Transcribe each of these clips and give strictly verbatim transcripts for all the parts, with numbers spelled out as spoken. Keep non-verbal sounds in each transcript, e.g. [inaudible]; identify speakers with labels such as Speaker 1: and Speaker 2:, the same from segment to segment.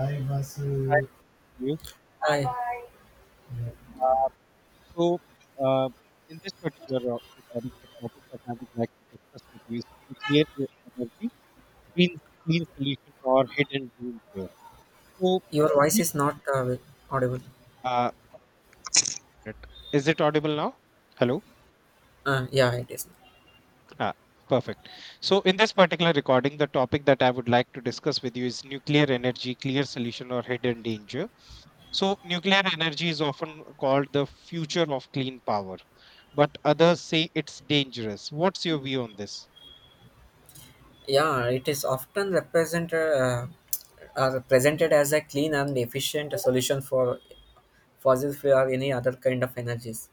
Speaker 1: Hi Vasu.
Speaker 2: Hi,
Speaker 1: uh,
Speaker 2: you.
Speaker 1: Hi, yeah.
Speaker 2: Uh, so, uh, in this particular ro- recording, the topic that I would like to discuss with you is nuclear e- energy, clean, clean solution, or hidden danger. So,
Speaker 1: Your voice
Speaker 2: you-
Speaker 1: is not uh, ve- audible.
Speaker 2: uh, it- is it audible now? Hello?
Speaker 1: Uh, yeah, it is.
Speaker 2: Ah, perfect. So, in this particular recording, the topic that I would like to discuss with you is nuclear energy, clear solution, or hidden danger. So, nuclear energy is often called the future of clean power, but others say it's dangerous. What's your view on this?
Speaker 1: Yeah, it is often represented uh, uh, presented as a clean and efficient solution for fossil fuel or any other kind of energies.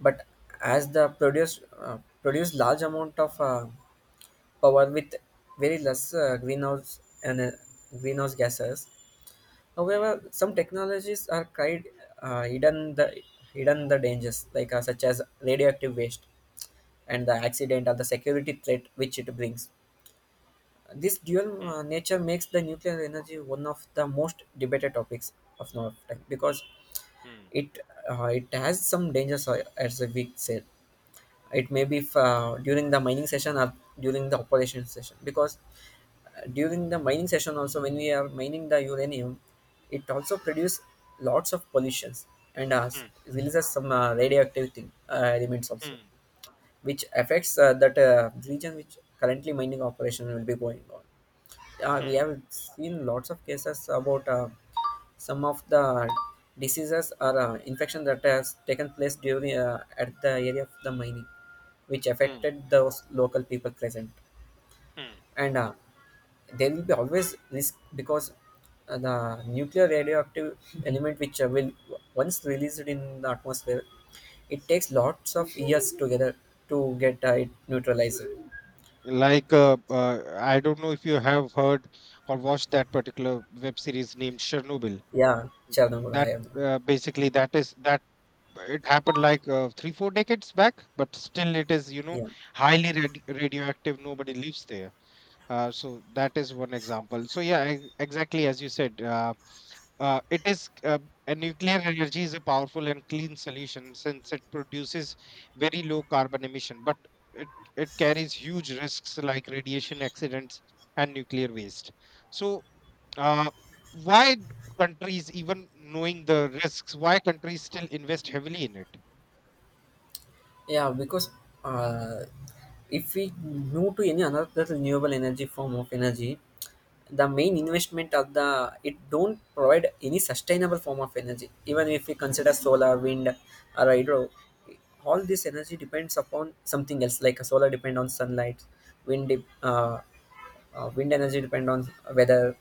Speaker 1: But as the produce uh, produce large amount of uh, power with very less uh, greenhouse and uh, greenhouse gases. However,
Speaker 2: Mm,
Speaker 1: some technologies are cried uh, hidden the hidden the dangers, like uh, such as radioactive waste and the accident or the security threat which it brings. This dual
Speaker 2: mm,
Speaker 1: uh, nature makes the nuclear energy one of the most debated topics of now of time because
Speaker 2: mm,
Speaker 1: it uh, it has some dangers, uh, as we said. It may be uh, during the mining session or during the operation session because uh, during the mining session also when we are mining the uranium, it also produces lots of pollutions and uh,
Speaker 2: mm,
Speaker 1: releases some uh, radioactive thing, uh, elements also,
Speaker 2: mm,
Speaker 1: which affects uh, that uh, region which currently mining operation will be going on. Uh, we
Speaker 2: mm,
Speaker 1: have seen lots of cases about uh, some of the diseases or uh, infection that has taken place during uh, at the area of the mining, which
Speaker 2: mm,
Speaker 1: affected those local people present.
Speaker 2: mm.
Speaker 1: And uh, there will be always risk because uh, the nuclear radioactive element which uh, will once released in the atmosphere, it takes lots of years together to get uh, it neutralized.
Speaker 2: Like, uh, uh, I don't know if you have heard or watched that particular web series named Chernobyl.
Speaker 1: Yeah, Chernobyl. I
Speaker 2: That
Speaker 1: am.
Speaker 2: uh, basically that is that It happened like uh, three four decades back, but still it is, you know
Speaker 1: Yeah.
Speaker 2: highly radi radioactive. Nobody lives there. Uh, so that is one example. So yeah, e- exactly as you said, uh, uh, it is uh, a nuclear energy is a powerful and clean solution since it produces very low carbon emission, but it, it carries huge risks like radiation accidents and nuclear waste. So uh, why d- countries, even knowing the risks, why countries still invest heavily in it?
Speaker 1: Yeah, because uh, if we move to any another renewable energy form of energy, the main investment of the it don't provide any sustainable form of energy. Even if we consider solar, wind, or hydro, all this energy depends upon something else. Like a solar depend on sunlight, wind dep- uh, uh, wind energy depend on weather,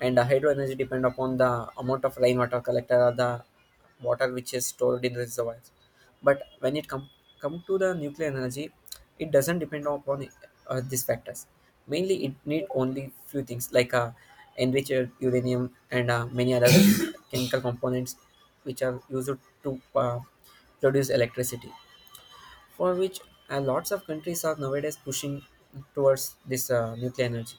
Speaker 1: and uh, hydro energy depend upon the amount of rainwater collected or the water which is stored in reservoirs. But when it come come to the nuclear energy, it doesn't depend upon uh, these factors. Mainly, it need only few things like uh, enriched uranium and uh, many other [coughs] chemical components which are used to uh, produce electricity. For which uh, lots of countries are nowadays pushing towards this uh, nuclear energy,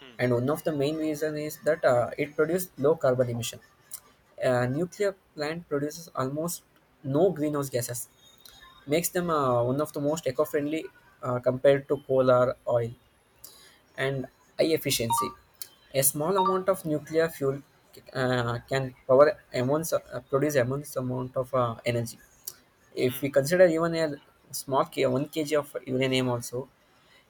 Speaker 2: Hmm,
Speaker 1: and one of the main reason is that uh, it produces low carbon emission. A nuclear plant produces almost no greenhouse gases, makes them uh, one of the most eco-friendly, uh, compared to coal or oil, and high efficiency. A small amount of nuclear fuel uh, can power immense, uh, produce immense amount of uh, energy. If
Speaker 2: hmm,
Speaker 1: we consider even a small k- one kilogram of uranium also,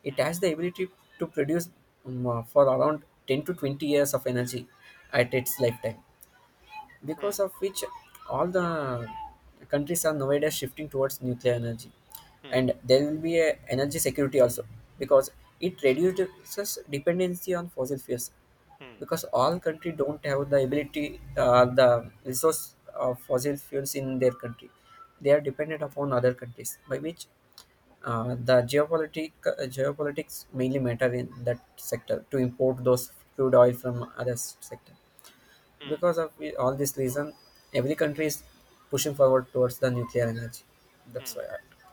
Speaker 1: it
Speaker 2: hmm,
Speaker 1: has the ability to produce um, uh, for around ten to twenty years of energy at its lifetime, because
Speaker 2: hmm,
Speaker 1: of which all the countries are nowadays shifting towards nuclear energy,
Speaker 2: hmm,
Speaker 1: and there will be a energy security also, because it reduces dependency on fossil fuels,
Speaker 2: hmm,
Speaker 1: because all country don't have the ability uh, the resource of fossil fuels in their country. They are dependent upon other countries, by which uh, the geopolitic uh, geopolitics mainly matter in that sector to import those crude oil from other sector.
Speaker 2: hmm,
Speaker 1: Because of I- all this reason, every country is pushing forward towards the nuclear energy. That's why.
Speaker 2: hmm.
Speaker 1: I,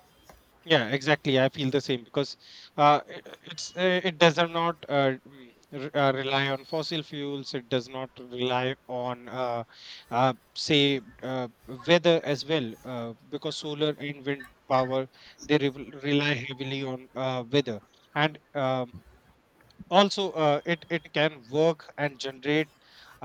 Speaker 2: Yeah, exactly. I feel the same because uh, it, it's uh, it does not uh, mm, re- uh, rely on fossil fuels. It does not rely on uh, uh, say uh, weather as well, uh, because solar and wind power they re- rely heavily on uh, weather, and um, also, uh, it it can work and generate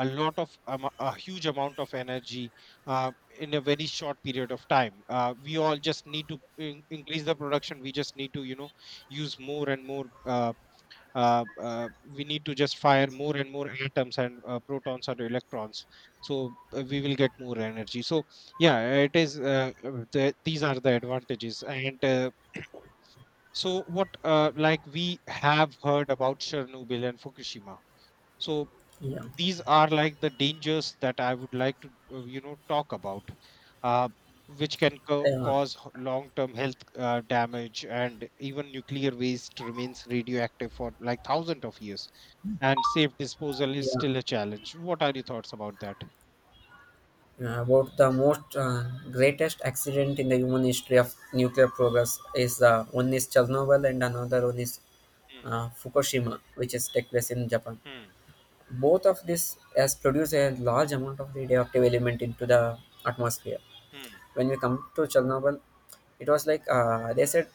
Speaker 2: a lot of amo- a huge amount of energy uh, in a very short period of time. Uh, we all just need to in- increase the production. We just need to, you know, use more and more, uh, uh, uh, we need to just fire more and more atoms and, uh, protons or electrons, so uh, we will get more energy. So yeah, it is, uh, uh, the, these are the advantages. And uh, [clears throat] So what, uh, like we have heard about Chernobyl and Fukushima. So
Speaker 1: yeah.
Speaker 2: these are like the dangers that I would like to, uh, you know, talk about, uh, which can co-
Speaker 1: Uh,
Speaker 2: cause h- long-term health uh, damage, and even nuclear waste remains radioactive for like thousands of years, and safe disposal is
Speaker 1: yeah.
Speaker 2: still a challenge. What are your thoughts about that?
Speaker 1: Uh, about the most uh, greatest accident in the human history of nuclear progress is uh, one is Chernobyl and another one is
Speaker 2: Mm,
Speaker 1: uh, Fukushima, which is take place in Japan.
Speaker 2: mm,
Speaker 1: Both of this has produced a large amount of radioactive element into the atmosphere.
Speaker 2: mm,
Speaker 1: When we come to Chernobyl, it was like uh, they said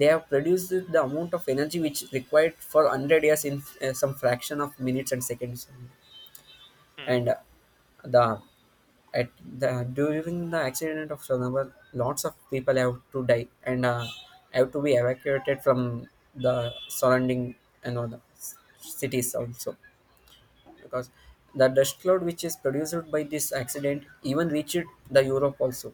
Speaker 1: they have produced the amount of energy which required for one hundred years in uh, some fraction of minutes and seconds.
Speaker 2: mm,
Speaker 1: And uh, the at the during the accident of Chernobyl, lots of people have to die and uh, have to be evacuated from the surrounding, you know, the cities also, because the dust cloud which is produced by this accident even reached the Europe also,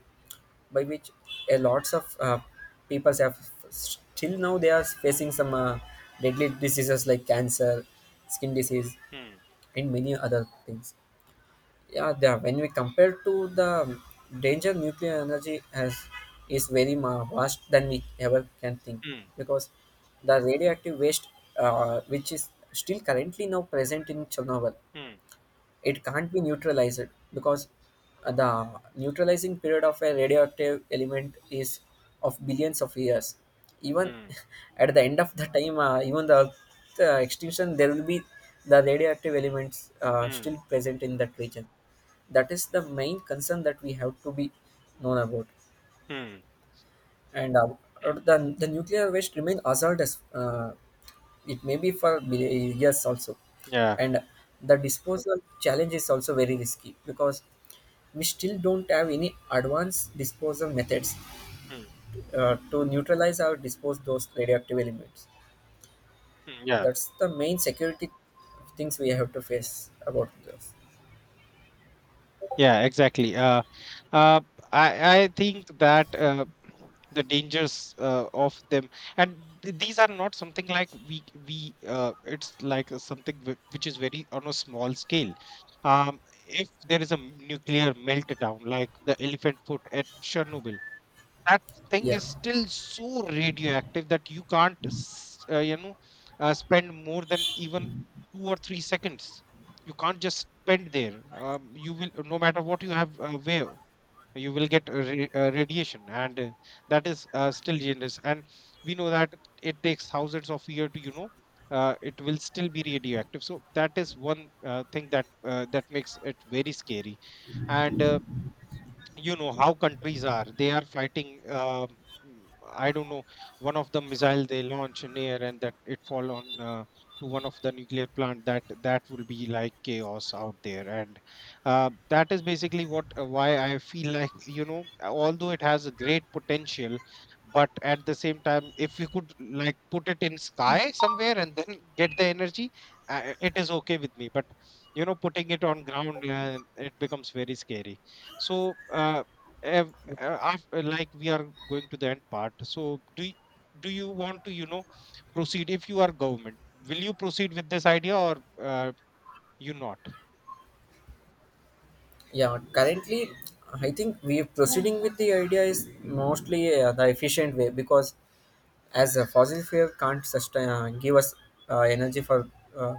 Speaker 1: by which a lots of uh, people have, still now they are facing some uh, deadly diseases like cancer, skin disease,
Speaker 2: mm,
Speaker 1: and many other things. Yeah, they are, when we compare to the danger nuclear energy has is very ma- vast than we ever can think,
Speaker 2: mm,
Speaker 1: because the radioactive waste uh, which is still currently now present in Chernobyl,
Speaker 2: mm,
Speaker 1: it can't be neutralized, because uh, the neutralizing period of a radioactive element is of billions of years. Even
Speaker 2: mm,
Speaker 1: [laughs] at the end of the time uh, even the Earth, uh, extinction, there will be the radioactive elements uh,
Speaker 2: mm,
Speaker 1: still present in that region. That is the main concern that we have to be known about.
Speaker 2: mm,
Speaker 1: And uh, the, the nuclear waste remain hazardous, uh, it may be for many years also,
Speaker 2: Yeah.
Speaker 1: and the disposal challenge is also very risky, because we still don't have any advanced disposal methods
Speaker 2: mm,
Speaker 1: uh, to neutralize or dispose those radioactive elements.
Speaker 2: mm.
Speaker 1: That's the main security things we have to face about this.
Speaker 2: Yeah, exactly. Uh, uh, I I think that, uh, the dangers uh, of them, and th- these are not something like we we. Uh, it's like, uh, something whi- which is very on a small scale. Um, if there is a m- nuclear meltdown, like the elephant foot at Chernobyl, that thing
Speaker 1: Yeah.
Speaker 2: is still so radioactive that you can't s- uh, you know, uh, spend more than even two or three seconds. You can't just spend there. Um, you will, no matter what you have uh, where, you will get a ra- uh, radiation, and uh, that is, uh, still dangerous, and we know that it takes thousands of years to, you know, uh, it will still be radioactive. So that is one uh, thing that, uh, that makes it very scary, and, uh, you know, how countries are, they are fighting. um, mm, I don't know, one of the missile they launch in air and that it fall on, uh, to one of the nuclear plant, that that will be like chaos out there. And uh, That is basically what, uh, why I feel like, you know, although it has a great potential, but at the same time, if we could like put it in sky somewhere and then [laughs] get the energy, uh, it is okay with me, but you know, putting it on ground, uh, it becomes very scary. So, uh, ev- uh, after, like we are going to the end part. So, do y- do you want to, you know, proceed if you are government? Will you proceed with this idea, or uh, you not?
Speaker 1: Yeah, currently, I think we are proceeding with the idea is mostly uh, the efficient way, because as a fossil fuel can't sustain uh, give us uh, energy for uh,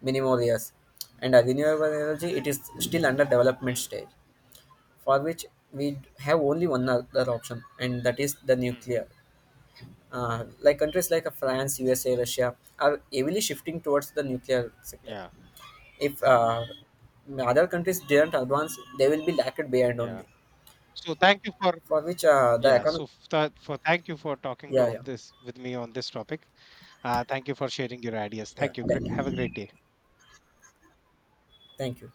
Speaker 1: many more years, and a renewable energy it is still under development
Speaker 2: Hmm,
Speaker 1: stage, for which we have only one other option, and that is the
Speaker 2: hmm.
Speaker 1: nuclear. Uh, like countries like uh, France, U S A, Russia are heavily shifting towards the nuclear sector.
Speaker 2: Yeah,
Speaker 1: If uh, other countries didn't advance, they will be lagged behind
Speaker 2: yeah.
Speaker 1: only.
Speaker 2: So, thank you for.
Speaker 1: For which uh, the
Speaker 2: Yeah. So
Speaker 1: economy.
Speaker 2: f- that for thank you for talking to
Speaker 1: Yeah,
Speaker 2: on
Speaker 1: yeah,
Speaker 2: this with me on this topic. Uh, thank you for sharing your ideas.
Speaker 1: yeah.
Speaker 2: Thank you. Great.
Speaker 1: Thank
Speaker 2: Have a
Speaker 1: you.
Speaker 2: great day.
Speaker 1: Thank you.